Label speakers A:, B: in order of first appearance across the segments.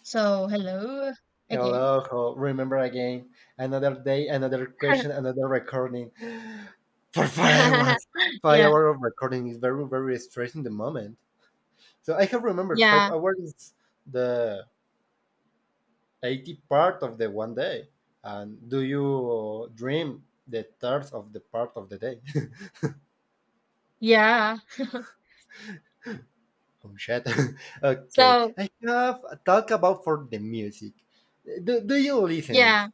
A: So, hello again.
B: Hello, remember again. Another day, another question, another recording. For 5 hours. Five
A: Yeah,
B: hours of recording is very, very stressing the moment. So I have remembered five
A: yeah,
B: hours is the 80 part of the one day. And do you dream the third of the part of the day?
A: yeah.
B: Oh shit. Okay.
A: So,
B: I have a talk about for the music. Do you listening?
A: yeah.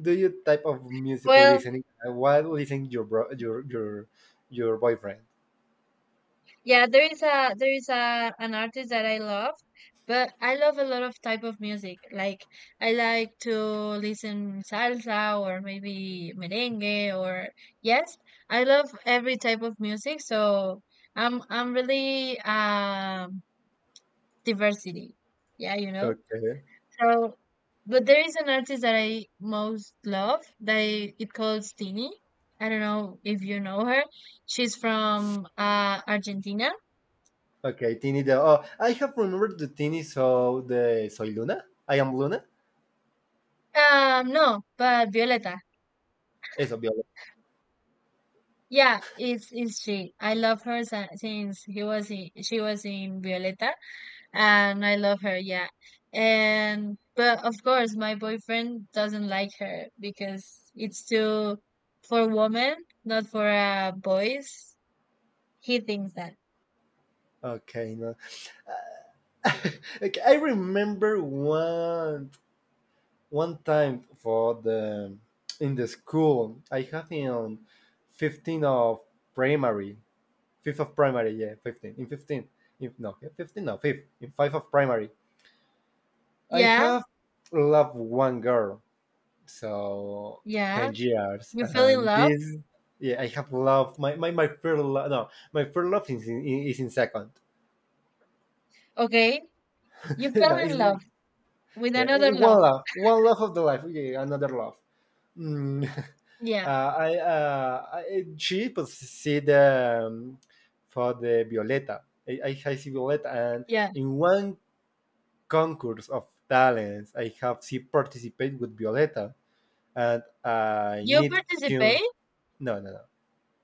B: Do you type of music
A: Well,
B: listening? What listening your your your boyfriend?
A: yeah, there is a an artist that I love, but I love a lot of type of music. Like, I like to listen salsa or maybe merengue, or, yes, I love every type of music. So I'm really, diversity, yeah,
B: Okay.
A: so, but there is an artist that I most love that I, it calls Tini. I don't know if you know her. She's from Argentina.
B: Okay, Tini. Oh, I have remembered the Tini. So the Soy Luna. I am Luna.
A: No, but Violeta.
B: Eso, Viola.
A: Yeah, it's she. I love her since she was in Violeta, and I love her. Yeah, and but of course my boyfriend doesn't like her because it's too for women, not for boys. He thinks that.
B: Okay, no. Okay, I remember one time for the in the school I have in 15 of primary fifth of primary, yeah, 15. In 15, if no, yeah, 15, no, fifth, in five of primary. I
A: Yeah,
B: have loved one girl, so
A: yeah,
B: 10 years,
A: you fell in
B: and
A: love.
B: this, yeah, I have loved my first love, no, my first love is in second.
A: Okay, you fell
B: no,
A: in
B: it's,
A: love with
B: yeah,
A: another love.
B: one love of the life, yeah, another love. Mm.
A: Yeah,
B: Uh, she see the for the Violeta. I see Violeta, and
A: yeah.
B: in one concourse of talents. I have she participate with Violeta, and I
A: You
B: need to
A: participate?
B: no no no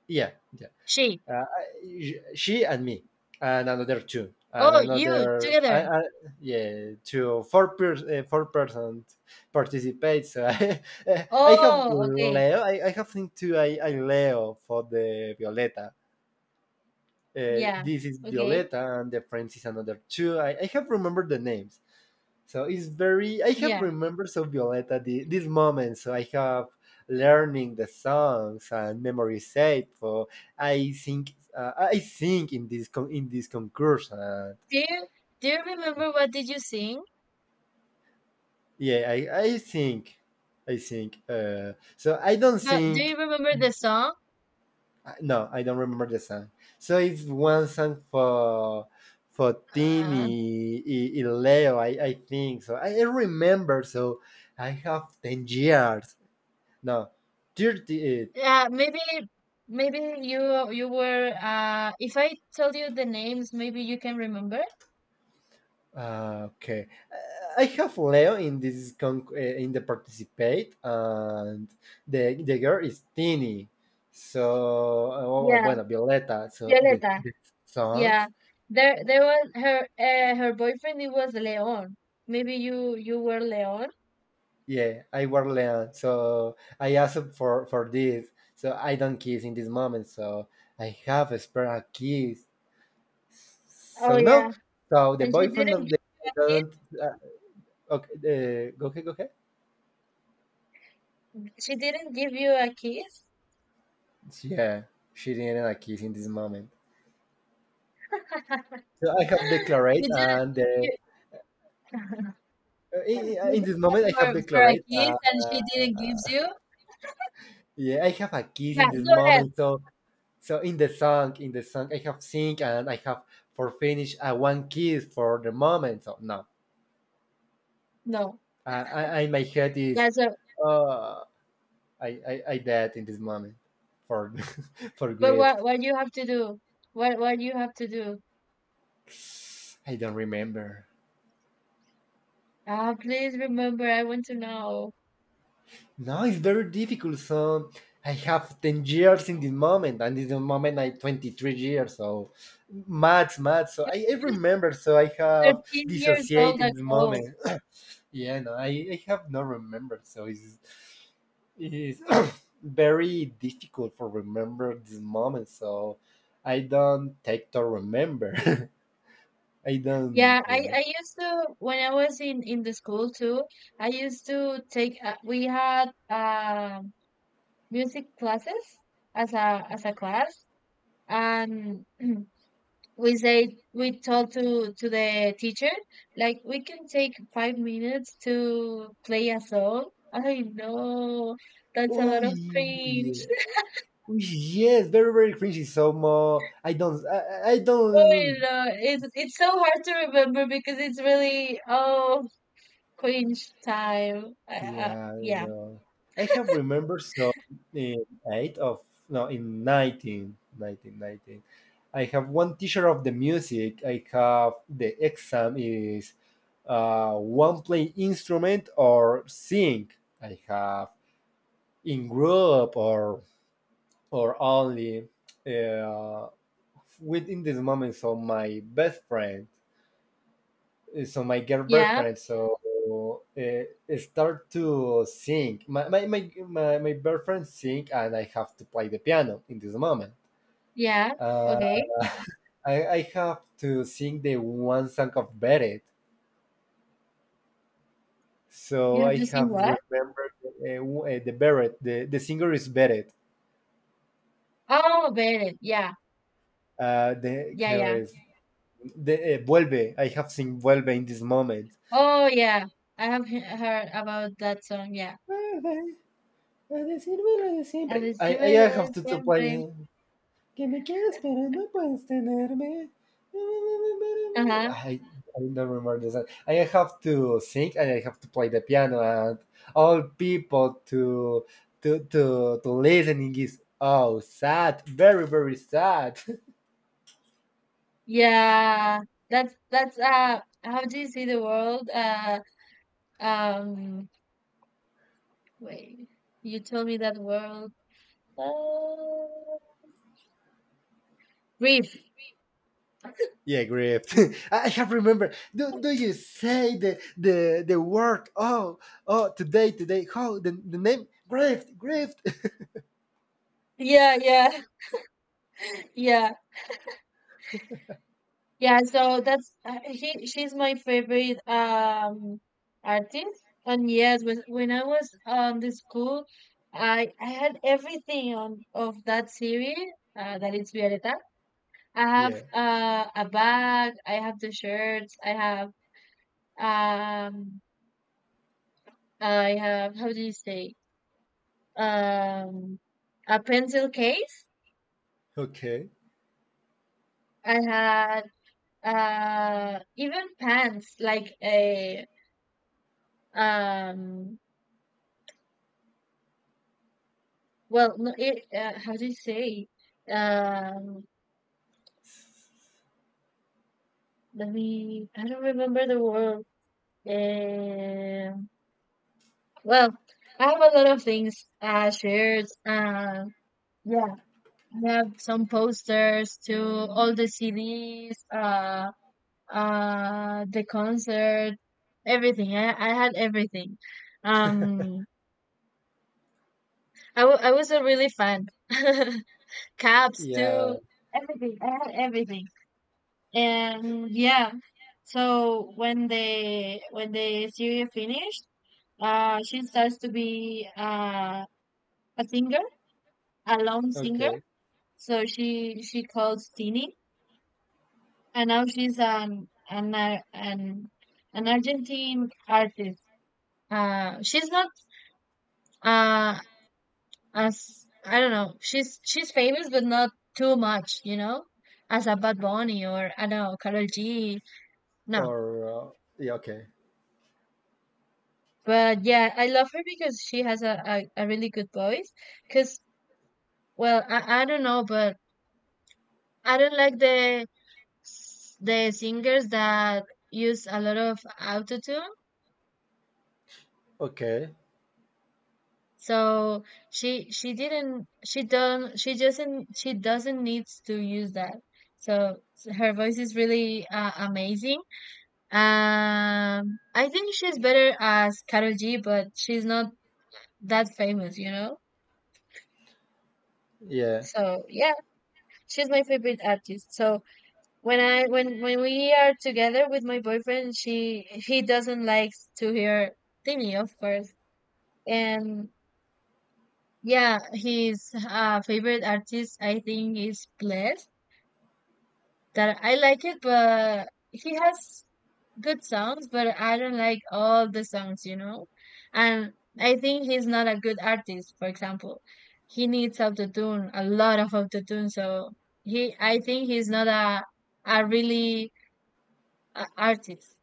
B: yeah yeah.
A: She.
B: She and me and another two and
A: Oh, you
B: another
A: together.
B: yeah two four four-person participate. So I have
A: Oh, okay.
B: Leo. I have think too. I Leo for the Violeta.
A: Yeah,
B: This is
A: okay.
B: Violeta and the friends is another two. I have remembered the names. So it's very. I have
A: Yeah.
B: remembered so Violeta this moment. So I have learning the songs and memory saved for. I think in this in this concurse. And
A: Do you do you remember what did you sing?
B: yeah, I think. So I don't
A: But do
B: think.
A: you remember the song?
B: No, I don't remember the song. So it's one song for
A: Uh,
B: Tini Leo. I think so. I remember. So I have 10 years. No. 30,
A: yeah, maybe you were, if I tell you the names, maybe you can remember.
B: Ah, okay. I have Leo in this in the participate, and the girl is Tini. So, oh,
A: Yeah,
B: bueno, Violeta. So the
A: Violeta.
B: the
A: Yeah,
B: songs,
A: there was her, her boyfriend. It was Leon. Maybe you were Leon.
B: yeah, I were Leo. So I asked for this. So I don't kiss in this moment. So I have a spare kiss.
A: Oh
B: So
A: yeah,
B: no. So the
A: and she
B: boyfriend
A: didn't give
B: of the
A: you a
B: don't. Uh, okay, go ahead, go ahead.
A: kiss. She didn't give you a kiss.
B: Yeah, she didn't a kiss in this moment. So I have declared,
A: You did
B: and
A: you, you
B: in
A: did
B: this
A: that
B: moment I have
A: for a
B: declared.
A: kiss, and she didn't give you.
B: Yeah, I have a kiss
A: Yeah,
B: in this
A: go ahead.
B: moment. So in the song, I have sing and I have for finish one kiss for the moment. So no,
A: No.
B: I my head is
A: Yeah. So,
B: uh, I dead in this moment for for
A: but
B: grief.
A: what you have to do? What you have to do?
B: I don't remember.
A: Ah, please remember. I want to know.
B: Now it's very difficult. So I have 10 years in this moment, and in the moment I 23 years. So maths, maths. So I
A: Just
B: remember. So I have
A: 13 years old
B: dissociated this
A: ago.
B: moment. yeah, no, I have not remembered. So it's very difficult for remember this moment. So I don't take to remember. I
A: Yeah,
B: don't
A: I
B: remember.
A: used to, when I was in the school too. I used to take We had, music classes as a class, and we told to the teacher, like, we can take 5 minutes to play a song. I know that's a
B: Oh
A: lot of
B: yeah,
A: cringe.
B: oh, yes, very very cringy. So more, I don't, I
A: Oh,
B: don't.
A: no, it's so hard to remember because it's really, oh, cringe time.
B: Yeah, I
A: Yeah.
B: know. I have remember so in eight of no in 1919 nineteen. I have one teacher of the music. I have the exam is one play instrument or sing. I have in group or only uh, within this moment. So my best friend so my girl
A: Yeah.
B: boyfriend so start to sing my boyfriend sing and I have to play the piano in this moment
A: Yeah,
B: uh,
A: okay.
B: I have to sing the one song of Beret.
A: You
B: So
A: have
B: I
A: to sing
B: have
A: what?
B: remembered the Beret. The singer is Beret.
A: Oh, Bennett. Yeah,
B: The
A: yeah,
B: creo
A: yeah.
B: es de, Vuelve. I have sing Vuelve in this moment.
A: Oh, yeah. I have heard about that song. Yeah.
B: Vuelve a decirme lo de
A: A
B: siempre. I
A: decirme lo de
B: have to
A: siempre.
B: play. Que me quedo esperando, puedes tenerme.
A: Uh-huh.
B: I don't remember the song. I have to sing and I have to play the piano and all people to listening is oh sad, very very sad.
A: Yeah. That's, how do you see the world? Um Wait. You told me that world. Uh, Brief.
B: yeah, great. I have remember. Do you say the word? Oh oh today today. How the name? Grift.
A: Yeah, yeah. Yeah. Yeah, so that's, she. She's my favorite, artist. And yes, when I was on the school, I had everything on of that series. That is Violeta. I
B: yeah.
A: have, a bag. I have the shirts. I have, um. I have, how do you say, um a pencil case.
B: Okay.
A: I had, even pants like a, um well, no, it, how do you say? Um, Let me, I don't remember the word. Um, well, I have a lot of things, shared. Yeah, I have some posters, to all the CDs, the concert, everything. I had everything. Um, I was a really fan. Caps
B: Yeah.
A: too, everything. I had everything. And yeah, so when the series finished, she starts to be, a singer, a lone singer.
B: Okay.
A: So she calls Tini, and now she's an Ar- an Argentine artist. She's not, uh as I don't know. She's famous, but not too much, as a Bad Bunny, or I don't know, Karol G. No,
B: Or yeah. Okay.
A: but yeah, I love her because she has a really good voice. Cause, well, I don't know, but I don't like the singers that use a lot of autotune.
B: Okay.
A: So she doesn't needs to use that. So her voice is really, amazing. I think she's better as Karol G, but she's not that famous.
B: Yeah.
A: So yeah, she's my favorite artist. So when I when we are together with my boyfriend, she he doesn't like to hear Timmy, of course. And yeah, his, favorite artist I think is Bless. That I like it, but he has good songs, but I don't like all the songs. And I think he's not a good artist. For example, he needs auto tune, a lot of autotune. So I think he's not a really artist.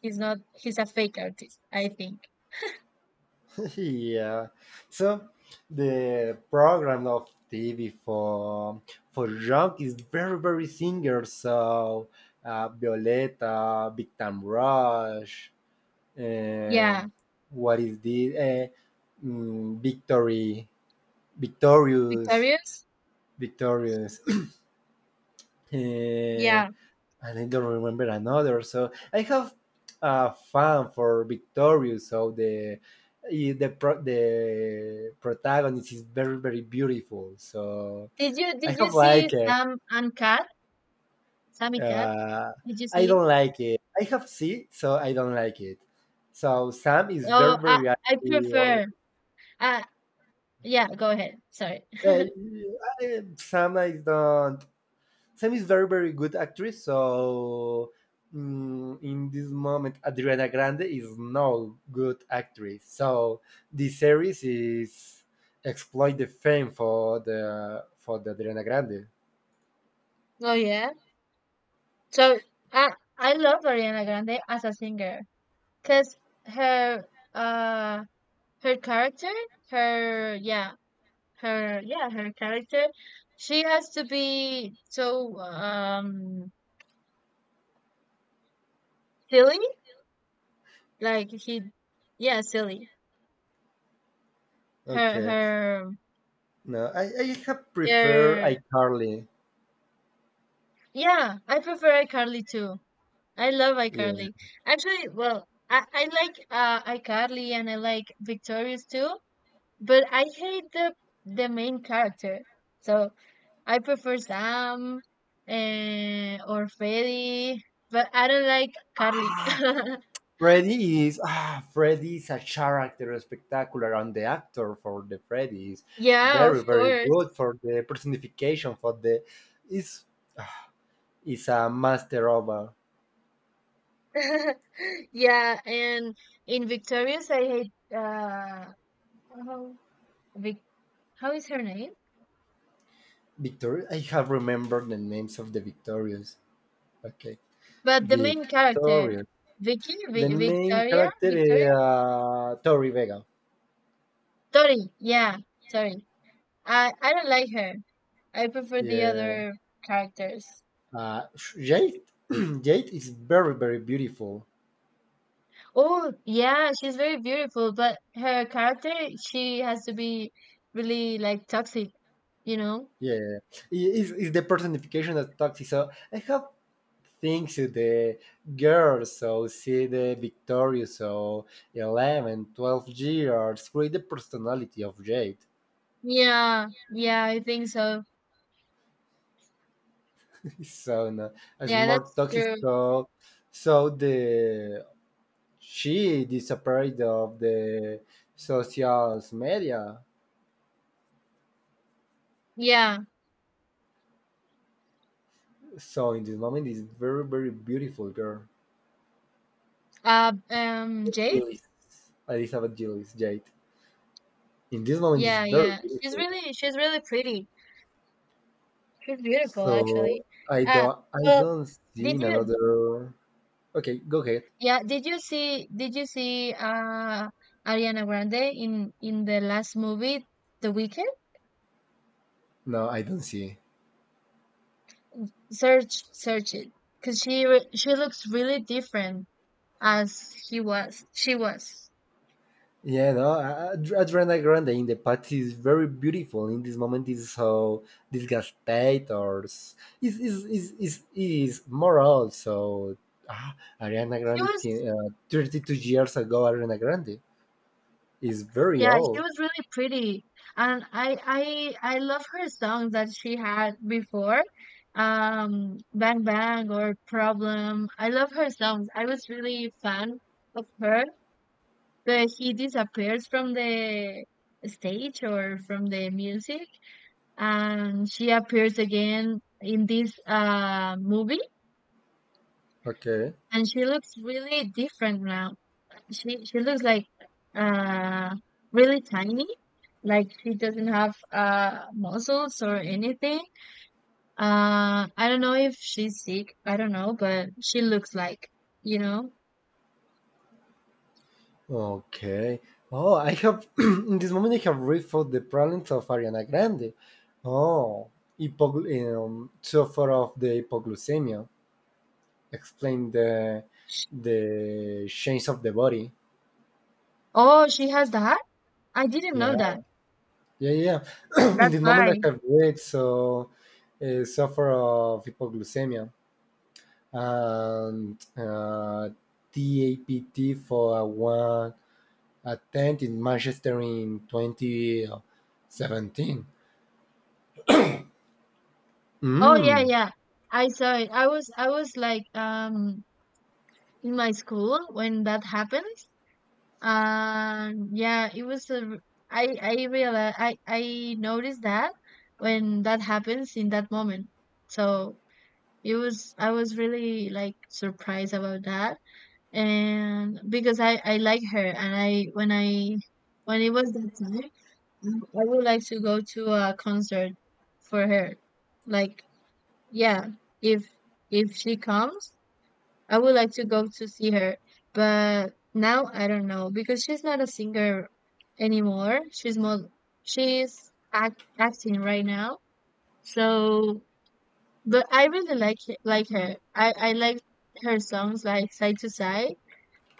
A: He's not. He's a fake artist. I think.
B: yeah. So the program of TV for rock is very very singers. So Violeta, Big Time Rush,
A: Yeah,
B: um, what is this? Victory, Victorious,
A: Victorious.
B: Victorious. Uh,
A: Yeah.
B: and I don't remember another. So I have a fan for Victorious. So the protagonist is very very beautiful. So
A: Did you
B: I
A: Did you
B: have
A: see
B: like it.
A: Sam and Cat? Sammy Cat.
B: Uh,
A: Did you
B: I
A: see?
B: don't like it. I have seen, so I don't like it. So Sam is
A: Oh,
B: very
A: I
B: very.
A: I prefer. Uh yeah. Go ahead. Sorry.
B: Uh, I- Sam I don't Sam is very, very good actress. So in this moment, Adriana Grande is no good actress. So this series is exploit the fame for the Adriana Grande.
A: Oh yeah. So I I love Ariana Grande as a singer because her uh her character, her, yeah, her, yeah, her character, she has to be so, silly. Like he, yeah, silly. Her,
B: Okay,
A: her,
B: no, I have prefer
A: her.
B: iCarly.
A: Yeah, I prefer iCarly too. I love
B: Yeah.
A: iCarly. Actually, well, I like, iCarly, and I like Victorious too, but I hate the main character. So I prefer Sam, or Freddy, but I don't like Carly.
B: Freddy is a character spectacular, and the actor for the Freddy is
A: Yeah, of
B: very very
A: course.
B: good for the personification for the is is a master of a
A: Yeah, and in Victorious, I hate, how Vic, how is her name?
B: Victor. I have remembered the names of the victorious. Okay,
A: But the main character,
B: victorious. The main
A: Victoria,
B: character
A: Victoria,
B: is Tori Vega.
A: Tori. Yeah, Tori. I don't like her. I prefer the
B: Yeah,
A: other characters.
B: uh, Jade. Jade is very very beautiful.
A: Oh yeah, she's very beautiful, but her character, she has to be really like toxic, you know?
B: Yeah, is the personification of Toxic. So I have things to the girls so see the victorious so 11, 12 years create the personality of jade.
A: Yeah, yeah, I think so.
B: It's So no, it's
A: Yeah,
B: more
A: that's
B: toxic.
A: true.
B: So the she disappeared of the social media.
A: Yeah.
B: So in this moment, is very very beautiful girl,
A: Jade.
B: Gillis, Elizabeth Gillis Jade. In this moment, is
A: Yeah,
B: very
A: yeah. She's
B: beautiful.
A: really she's really pretty. She's beautiful,
B: So
A: actually.
B: I
A: Uh,
B: don't I
A: well,
B: don't see
A: did
B: in
A: you?
B: another. Okay, go ahead.
A: Yeah, did you see? Did you see, Ariana Grande in the last movie, The Weekend?
B: No, I don't see.
A: Search, search it, cause she looks really different as he was. she was.
B: Yeah, no, Ariana Grande in the past is very beautiful. In this moment, is so disgusted or s- is moral. So ah, Ariana
A: She
B: Grande,
A: was.
B: 32 years ago, Ariana Grande is very
A: Yeah, she
B: old.
A: was really pretty, and I love her songs that she had before, Bang Bang or Problem. I love her songs. I was really fan of her. But he disappears from the stage or from the music, and she appears again in this, movie,
B: Okay,
A: and she looks really different now. She looks like, uh, really tiny, like she doesn't have, muscles or anything. I don't know if she's sick. I don't know, but she looks like you know.
B: okay. Oh, I have in this moment I have rethought the problems of Ariana Grande. Oh, suffer of the hypoglycemia. Explain the
A: Sh-
B: the change of the body.
A: Oh, she has that? I didn't know
B: Yeah,
A: that.
B: yeah, yeah. In
A: That's
B: the moment I
A: why.
B: have weight, so suffer of hypoglycemia and TAPT for a one attempt in Manchester in 2017.
A: Oh yeah,
B: Mm,
A: yeah. I saw it. I was like, in my school when that happened. Yeah, it was I realized I noticed that when that happens in that moment. So it was I was really like surprised about that, and because I like her, and I when it was that time, I would like to go to a concert for her, like, yeah, if if she comes, I would like to go to see her. But now I don't know because she's not a singer anymore. She's more, she's acting right now. So, but I really like like her. I like her songs like Side to Side,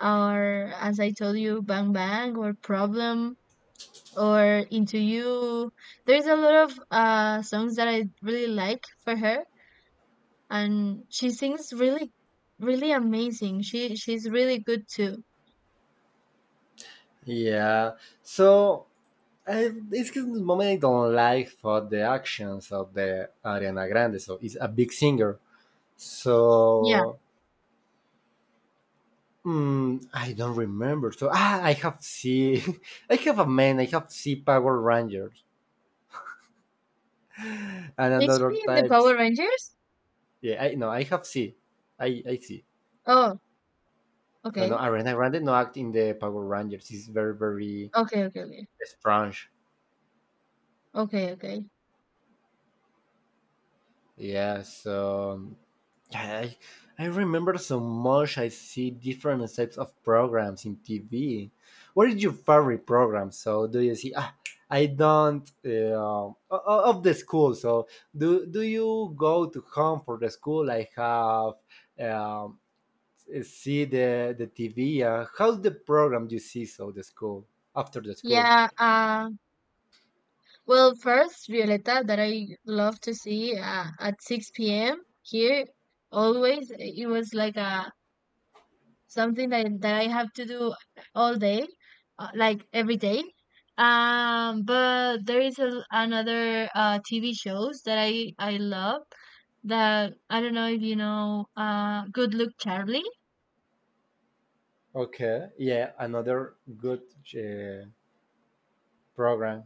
A: or as I told you, Bang Bang or Problem, or Into You. There's a lot of songs that I really like for her, and she sings really really amazing. She's really good too.
B: yeah. So it's the moment I don't like for the actions of the Ariana Grande. So it's a big singer.
A: Yeah.
B: So I don't remember. So I have see, I have a man. I have see Power Rangers and
A: Is
B: another
A: she in the
B: type.
A: Power Rangers?
B: Yeah, I no, I have see, I see.
A: Oh,
B: So no,
A: okay.
B: Arena Grande no act in the Power Rangers. It's very very
A: Okay, okay, okay.
B: strange.
A: Okay, okay.
B: Yeah. So yeah, I remember so much. I see different types of programs in TV. What is your favorite program? So do you see? Ah, I don't of the school. So do you go to home for the school? I have um, see the TV. How's the program you see? So the school after the school.
A: Yeah, well, first, Violeta, that I love to see, at 6 p.m. here, always, it was like a, something that I have to do all day, like every day. But there is, another, TV shows that I love, that I don't know if you know, Good Luck Charlie.
B: Okay, yeah, another good uh, program.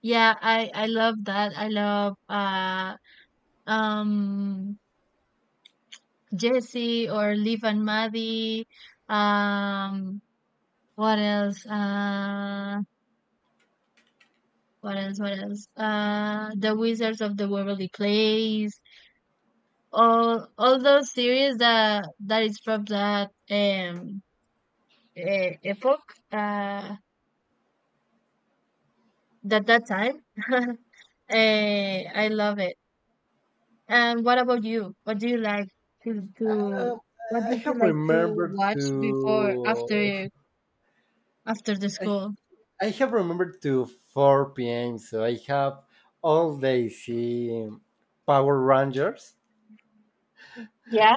A: Yeah, I love that. I love, um Jesse or Liv and Maddie. Um what else? What else? What else? The Wizards of the Waverly Place. All those series that is from that, epoch, uh that time. I love it. And what about you? What do you like to
B: Um,
A: what
B: I
A: did you
B: have
A: like to
B: remembered
A: watch before
B: to
A: after the
B: I,
A: school?
B: I have remembered to 4 p.m., so I have all day seeing Power Rangers.
A: Yeah,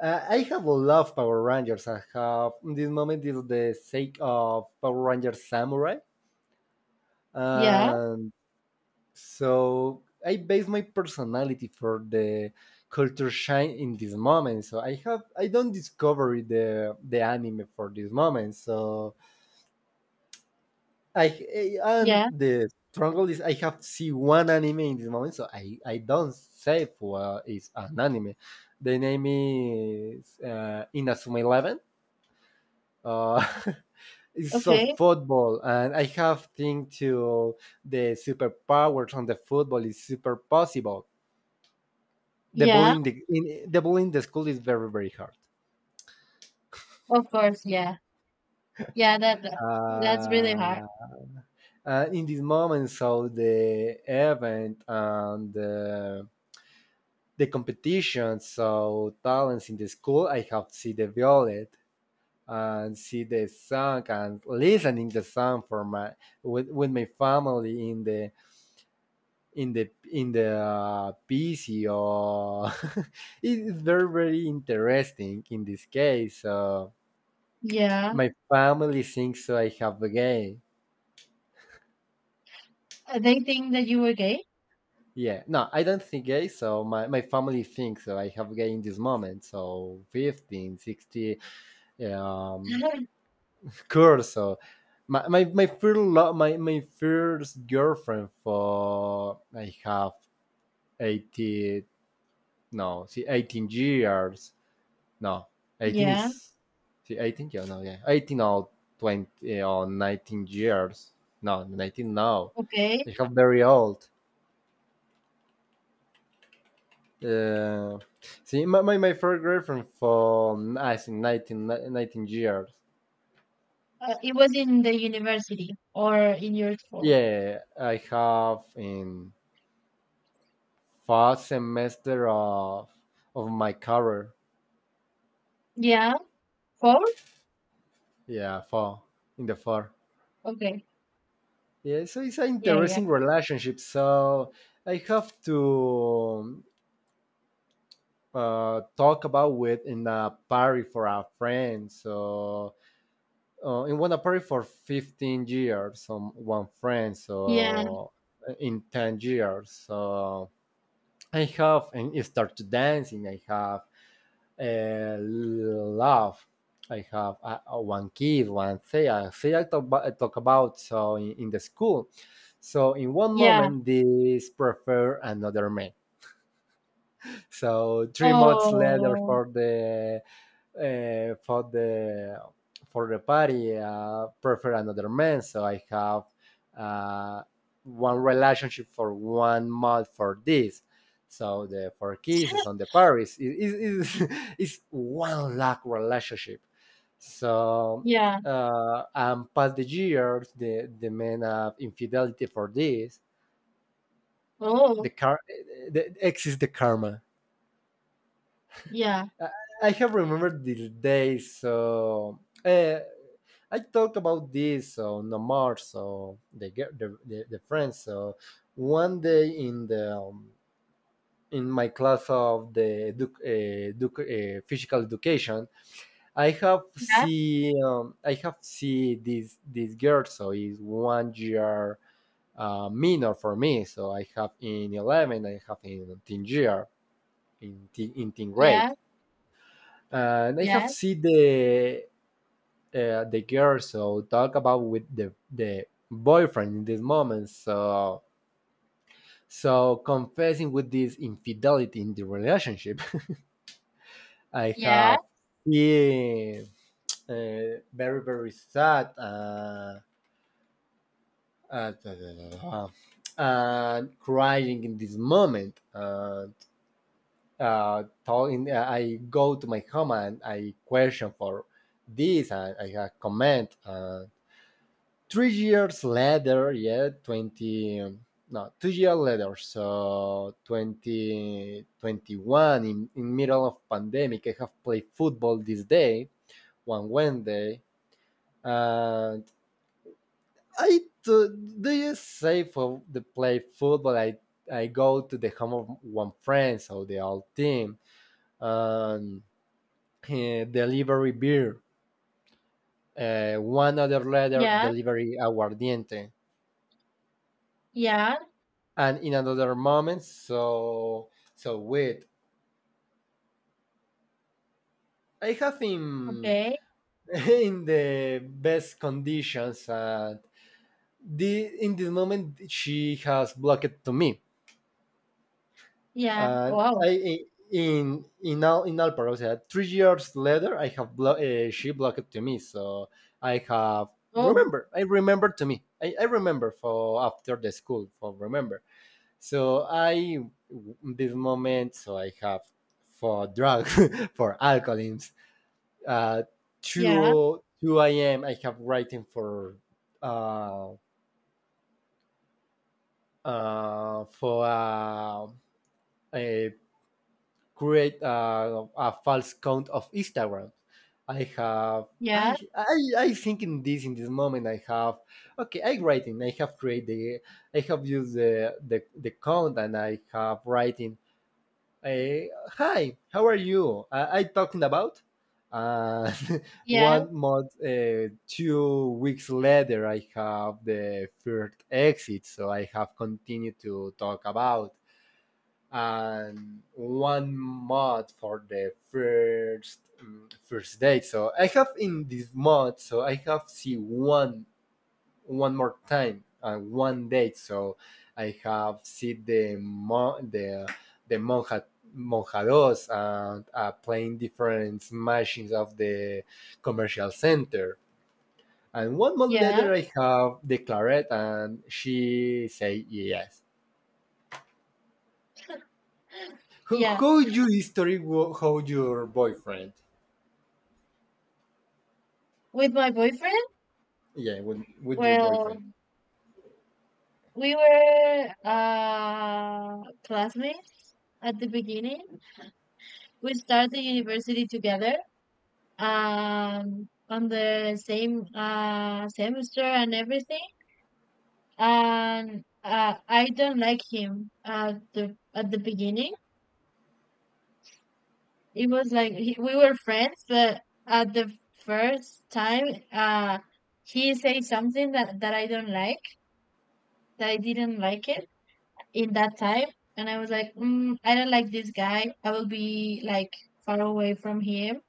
B: I have loved Power Rangers. I have, in this moment, is the sake of Power Rangers Samurai.
A: yeah,
B: And so I base my personality for the culture shine in this moment. So I don't discover the anime for this moment. So I and
A: yeah.
B: the struggle is I have to see one anime in this moment, so I don't say for it's an anime. The name is Inazuma Eleven. Uh, it's so
A: Okay.
B: football, and I have think to the superpowers on the football is super possible. The ball
A: Yeah,
B: in the school is very very hard.
A: of course, yeah. Yeah, that's really hard.
B: Uh, in this moment, so the event and the competition. So talents in the school, I have see the violet and see the song and listening the song for my with my family in the PC or it's very very interesting in this case. So
A: Yeah.
B: my family thinks so I have a gay.
A: They think that you were gay?
B: Yeah, no, I don't think gay. So my family thinks so I have gay in this moment. So 15, 60, um, Curso. My first girlfriend for I have 18, no, see 18 years, no, 18
A: Yeah,
B: is, see 18, yeah, no, yeah, 18 or 20, or 19 years, no, 19 now.
A: okay.
B: I have very old, uh, see my, my first girlfriend for I think nineteen years.
A: It was in the university or in your school.
B: Yeah, I have in fall semester of my career.
A: Yeah, fourth.
B: Yeah, fall in the fall.
A: Okay.
B: Yeah, so it's an
A: Yeah, yeah,
B: interesting relationship. So I have to talk about it in a party for a friend. So in one party for 15 years, on one friend.
A: yeah,
B: So in 10 years, so I have and start to dancing. I have love. I have one kid, one thing, a thing I talk about, I talk about so in the school. So in one
A: yeah.
B: moment, this prefer another man. So 3 months later,
A: Oh,
B: uh, for the for the party, prefer another man. So I have uh, one relationship for 1 month for this. So the four kisses on the Paris is is one lakh relationship. So
A: yeah.
B: and past the years, the men have infidelity for this. The
A: Oh,
B: car, exists the karma.
A: yeah,
B: I I have remembered these day, so uh, I talked about this on the March, so the, gir- the friends. So one day in my class of the physical education,
A: yeah,
B: I have see this girl. So is 1 year, minor for me. So I have in 11, I have in teen year, in teen grade,
A: yeah,
B: and I have
A: yes,
B: seen the the girl, so talk about with the boyfriend in this moment. So confessing with this infidelity in the relationship, I
A: yeah,
B: have been very very sad, uh, uh, and crying in this moment. Talking, I go to my home and I question for this and I have comment. 3 years later, yeah, 20, no, 2 years later, so 2021, in middle of pandemic, I have played football this day, one Wednesday, and I do, do you say for the play football, I go to the home of one friend, so the whole team, and delivery beer, one other later,
A: yeah,
B: delivery aguardiente.
A: yeah.
B: And in another moment, so wait, I have him
A: Okay.
B: in the best conditions, and in this moment she has blocked to me.
A: Yeah.
B: And
A: Wow.
B: I in all, process 3 years later I have she blocked to me. So
A: Oh,
B: I remember to me, I remember for after the school for remember. So I in this moment, so I have for drugs for alcoholism. Uh,
A: yeah,
B: two a.m. I have writing uh for a a false count of Instagram. I have.
A: yeah,
B: I think in this moment, I have. Okay, I writing, I have created, I have used the the count, and I have writing. Hi, how are you? I talking about, uh,
A: yeah,
B: 1 month, 2 weeks later, I have the third exit, so I have continued to talk about, and 1 month for the first date. So I have in this month, so I have see one more time and one date. So I have seen the the monja monjados and playing different machines of the commercial center. And 1 month
A: yeah,
B: later, I have the claret, and she say yes. How,
A: yeah.
B: how you history wo- how your boyfriend?
A: With my boyfriend,
B: Yeah, with your boyfriend.
A: well, we were, classmates at the beginning. We started university together, on the same, semester and everything, and, I don't like him at the beginning. It was like, we were friends, but at the first time, uh he said something that I don't like, that I didn't like it in that time, and I was like, I don't like this guy. I will be like far away from him.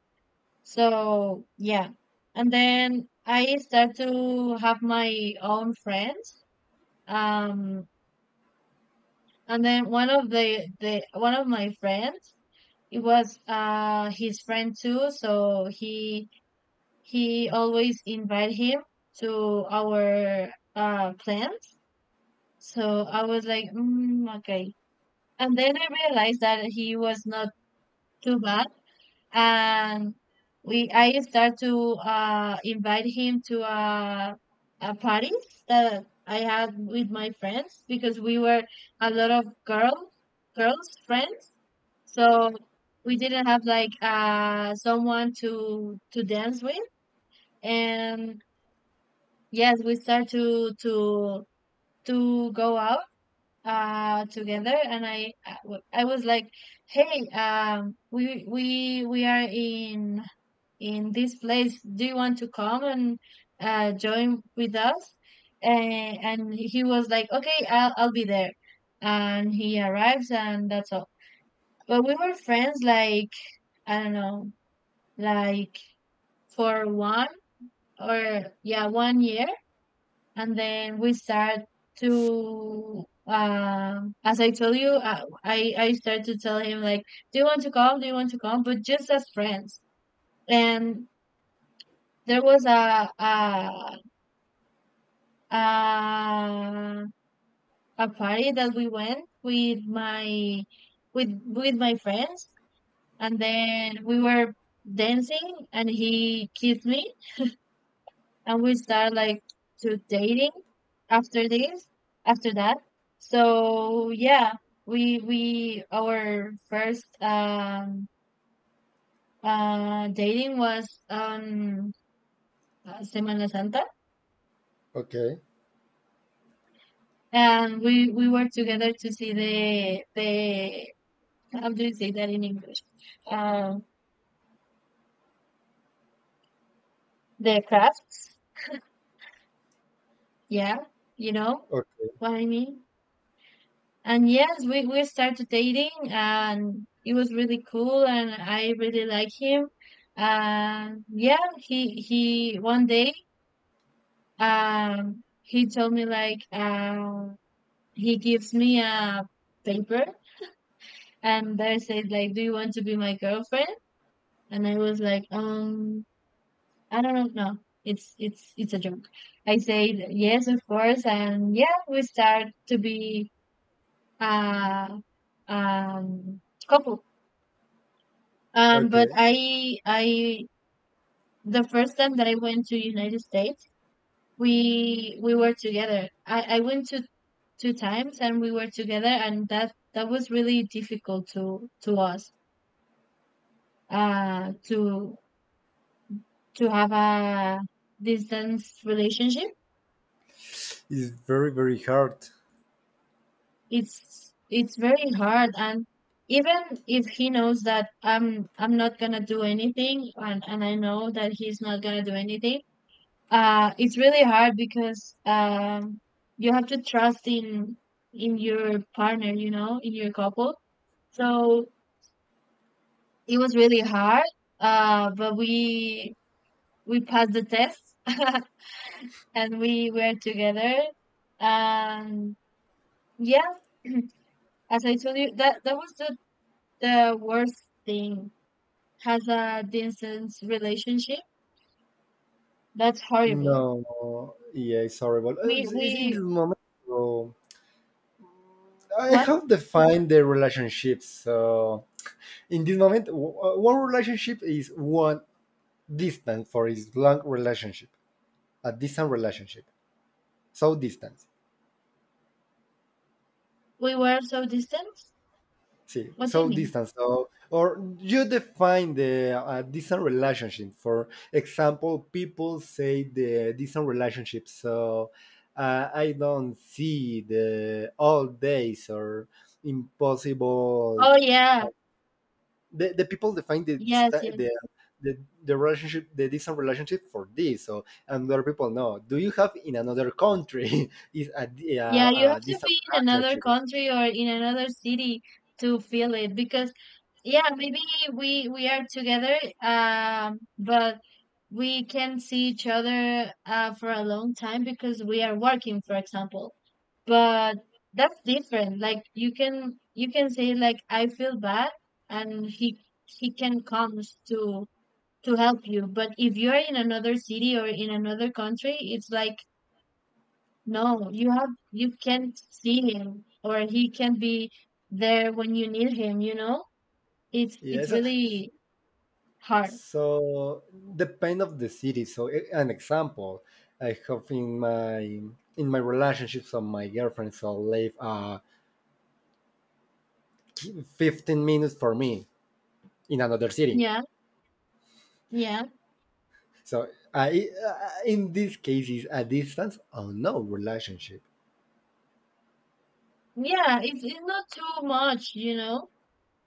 A: So yeah. And then I start to have my own friends. Um and then one of my friends it was his friend too, so he always invite him to our plans. So I was like, okay. And then I realized that he was not too bad, and we I start to invite him to a party that I had with my friends, because we were a lot of girls, girls friends, so we didn't have like someone to dance with. And yes, we start to go out together. And I was like, hey, we are in this place. Do you want to come and join with us? And he was like, okay, I'll be there. And he arrives, and that's all. But we were friends, like, I don't know, like, for one or, yeah, 1 year. And then we start to, as I told you, I started to tell him, like, do you want to come? Do you want to come? But just as friends. And there was uh, a party that we went with my with my friends. And then we were dancing, and he kissed me, and we start like to dating after after that. So yeah, we our first dating was on Semana Santa.
B: Okay,
A: And we were together to see the how do you say that in English? Uh, the crafts. Yeah, you know
B: okay,
A: what I mean. And yes, we started dating, and it was really cool, and I really like him. And yeah, he one day he told me like, he gives me a paper, and there says like, "Do you want to be my girlfriend?" And I was like, I don't know. No, it's it's a joke. I said yes, of course. And yeah, we start to be uh um couple. But
B: okay.
A: I the first time that I went to United States, we were together. I went to two times and we were together, and that was really difficult to us uh to to have a distance relationship.
B: It's very very hard.
A: It's very hard. And even if he knows that I'm not gonna do anything, and I know that he's not gonna do anything, it's really hard, because you have to trust in your partner, you know, in your couple. So it was really hard. But we passed the test and we were together. And yeah, as I told you, that was the worst thing, has a distant relationship. That's horrible.
B: No, yeah, it's horrible. It's in
A: We
B: this moment, so I
A: What?
B: have defined the relationships. So in this moment, one relationship is one distance for is long relationship, a distant relationship. So distance.
A: We were so distant?
B: See,
A: What do you
B: so
A: mean?
B: distance. So, or you define the distant relationship. For example, people say the distant relationship. So, I don't see the all days or impossible.
A: Oh yeah.
B: Uh, the people define the,
A: Yes, yes.
B: the the relationship, the distant relationship for this. So, and other people know. Do you have in another country is a, di-
A: Yeah,
B: a,
A: you have
B: a
A: to
B: distant
A: be in another
B: relationship?
A: country or in another city to feel it, because yeah, maybe we are together, but we can see each other for a long time because we are working, for example. But that's different. Like, you can say like I feel bad, and he can comes to help you. But if you're in another city or in another country, it's like, no, you can't see him, or he can not be there when you need him, you know. It's
B: Yes.
A: really hard.
B: So depend of the city. So an example, I have in my relationships of my girlfriend, so live 15 minutes for me in another city.
A: Yeah, yeah.
B: So I, in these cases a distance or no relationship.
A: Yeah, it's not too much, you know.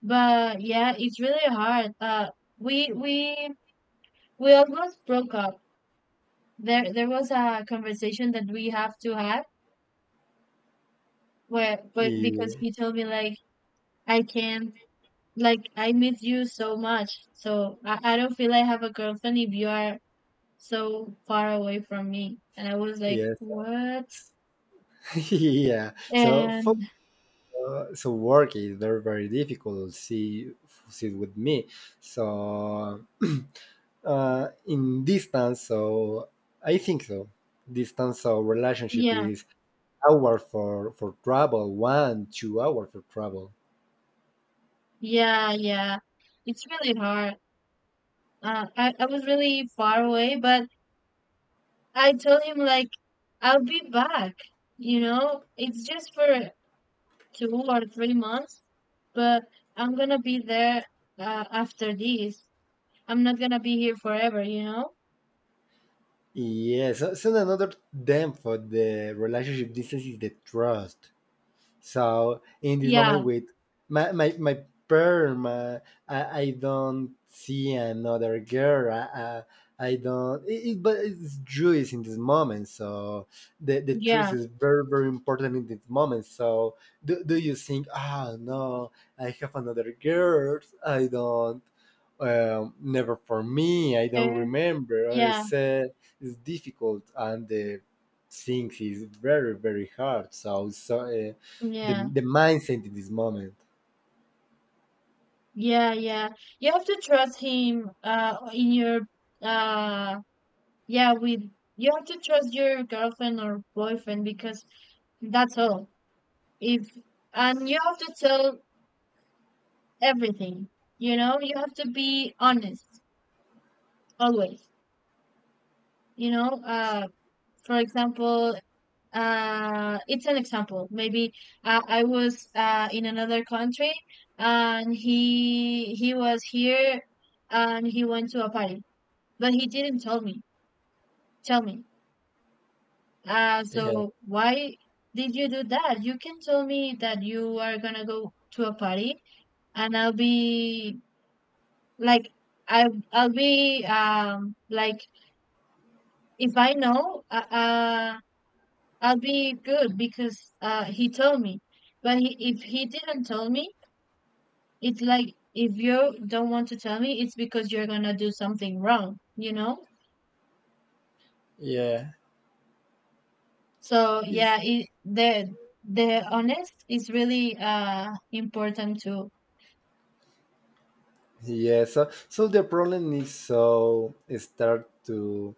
A: But yeah, it's really hard. We we almost broke up. There was a conversation that we have to have, where, but because
B: Ye-
A: he told me like, I can't, like, I miss you so much, so I don't feel I have a girlfriend if you are so far away from me. And I was like,
B: Yes,
A: what?
B: yeah. So for,
A: And
B: so work is very very difficult. See with me. So. In distance, so I think so distance of relationship
A: yeah,
B: is hour for travel, one two hour for travel.
A: yeah, yeah, it's really hard. I was really far away, but I told him like, I'll be back, you know, it's just for 2 or 3 months, but I'm gonna be there after this. I'm not gonna be here forever, you know?
B: Yes, so another them for the relationship distance is the trust. So in this moment,
A: Yeah,
B: with my my, my perm, uh, I don't see another girl. I don't. But it's Jewish in this moment, so the truth
A: yeah,
B: is very very important in this moment. So do you think? Ah, no, I have another girl. I don't. Never for me. I don't
A: okay.
B: remember. I
A: Yeah,
B: said it's difficult, and the things is very very hard. So. Uh, the
A: yeah,
B: the mindset in this moment.
A: yeah, yeah. You have to trust him, in your, uh, yeah, with, you have to trust your girlfriend or boyfriend because that's all. If, and you have to tell everything, you know? You have to be honest always, you know? For example, it's an example maybe. I was in another country, and he was here, and he went to a party, but he didn't tell me.
B: Yeah,
A: So why did you do that? You can tell me that you are gonna go to a party, and I'll be like, I'll be like, if I know, I'll be good because he told me. But if he didn't tell me, it's like if you don't want to tell me, it's because you're gonna do something wrong, you know?
B: yeah,
A: So
B: is
A: yeah, it, the honest is really important too.
B: yeah. So the problem is so start to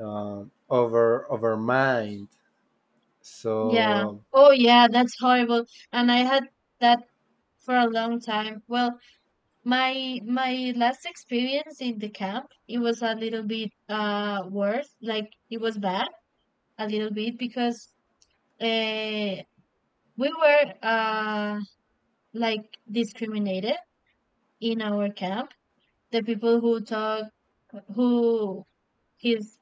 B: over mind.
A: Yeah.
B: So
A: Oh yeah, that's horrible. And I had that for a long time. Well, my last experience in the camp, it was a little bit worse. Like, it was bad a little bit because uh we were like discriminated in our camp. The people who talk, who his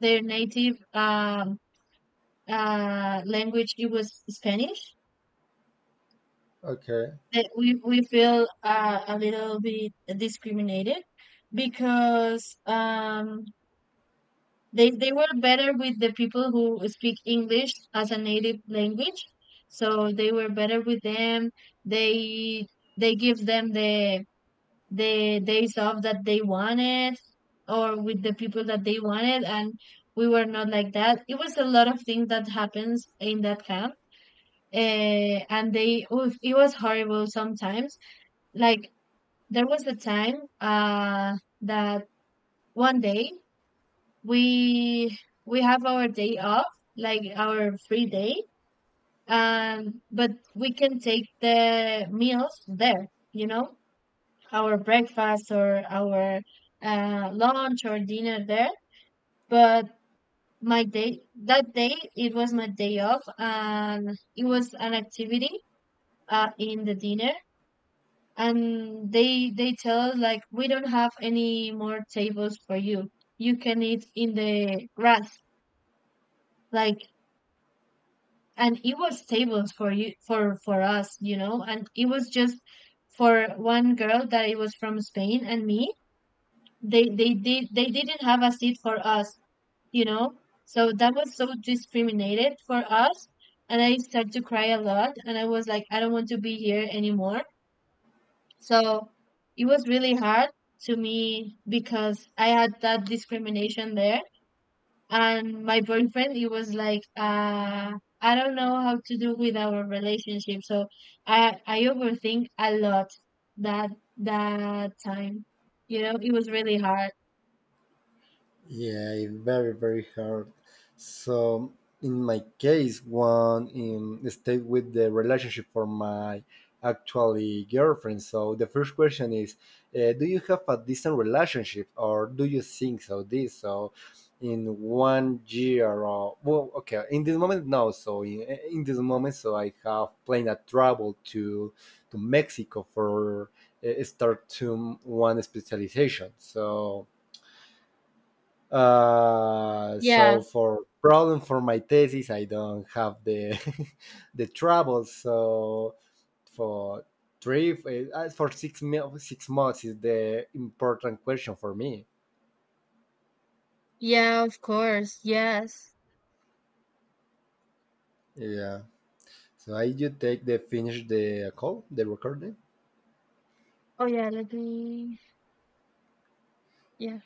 A: their native language, it was Spanish.
B: okay.
A: That we feel a little bit discriminated, because they were better with the people who speak English as a native language. So they were better with them. They they give them the days off that they wanted, or with the people that they wanted. And we were not like that. It was a lot of things that happens in that camp. And they, oof, it was horrible sometimes. Like, there was a time that one day we have our day off, like our free day, but we can take the meals there, you know, our breakfast or our lunch or dinner there. But my day, that day, it was my day off, and it was an activity in the dinner. And they tell us like, we don't have any more tables for you. You can eat in the grass. Like, and it was tables for you, for us, you know. And it was just for one girl that it was from Spain and me. They didn't have a seat for us, you know? So that was so discriminated for us. And I started to cry a lot. And I was like, I don't want to be here anymore. So it was really hard to me because I had that discrimination there. And my boyfriend, he was like, I don't know how to do with our relationship. So I overthink a lot that, that time. You know, it was really hard.
B: Yeah, it very, very hard. So in my case, one in stay with the relationship for my actually girlfriend. So the first question is, do you have a decent relationship, or do you think so? This so in 1 year or well, okay, in this moment no. So in this moment, so I have planned a travel to Mexico for start to one specialization. So uh,
A: Yeah.
B: so for problem for my thesis, I don't have the the travel. So for for 6 months is the important question for me.
A: Yeah, of course. Yes.
B: Yeah. So I you take the finish the call the recording.
A: Oh, yeah, let me yeah.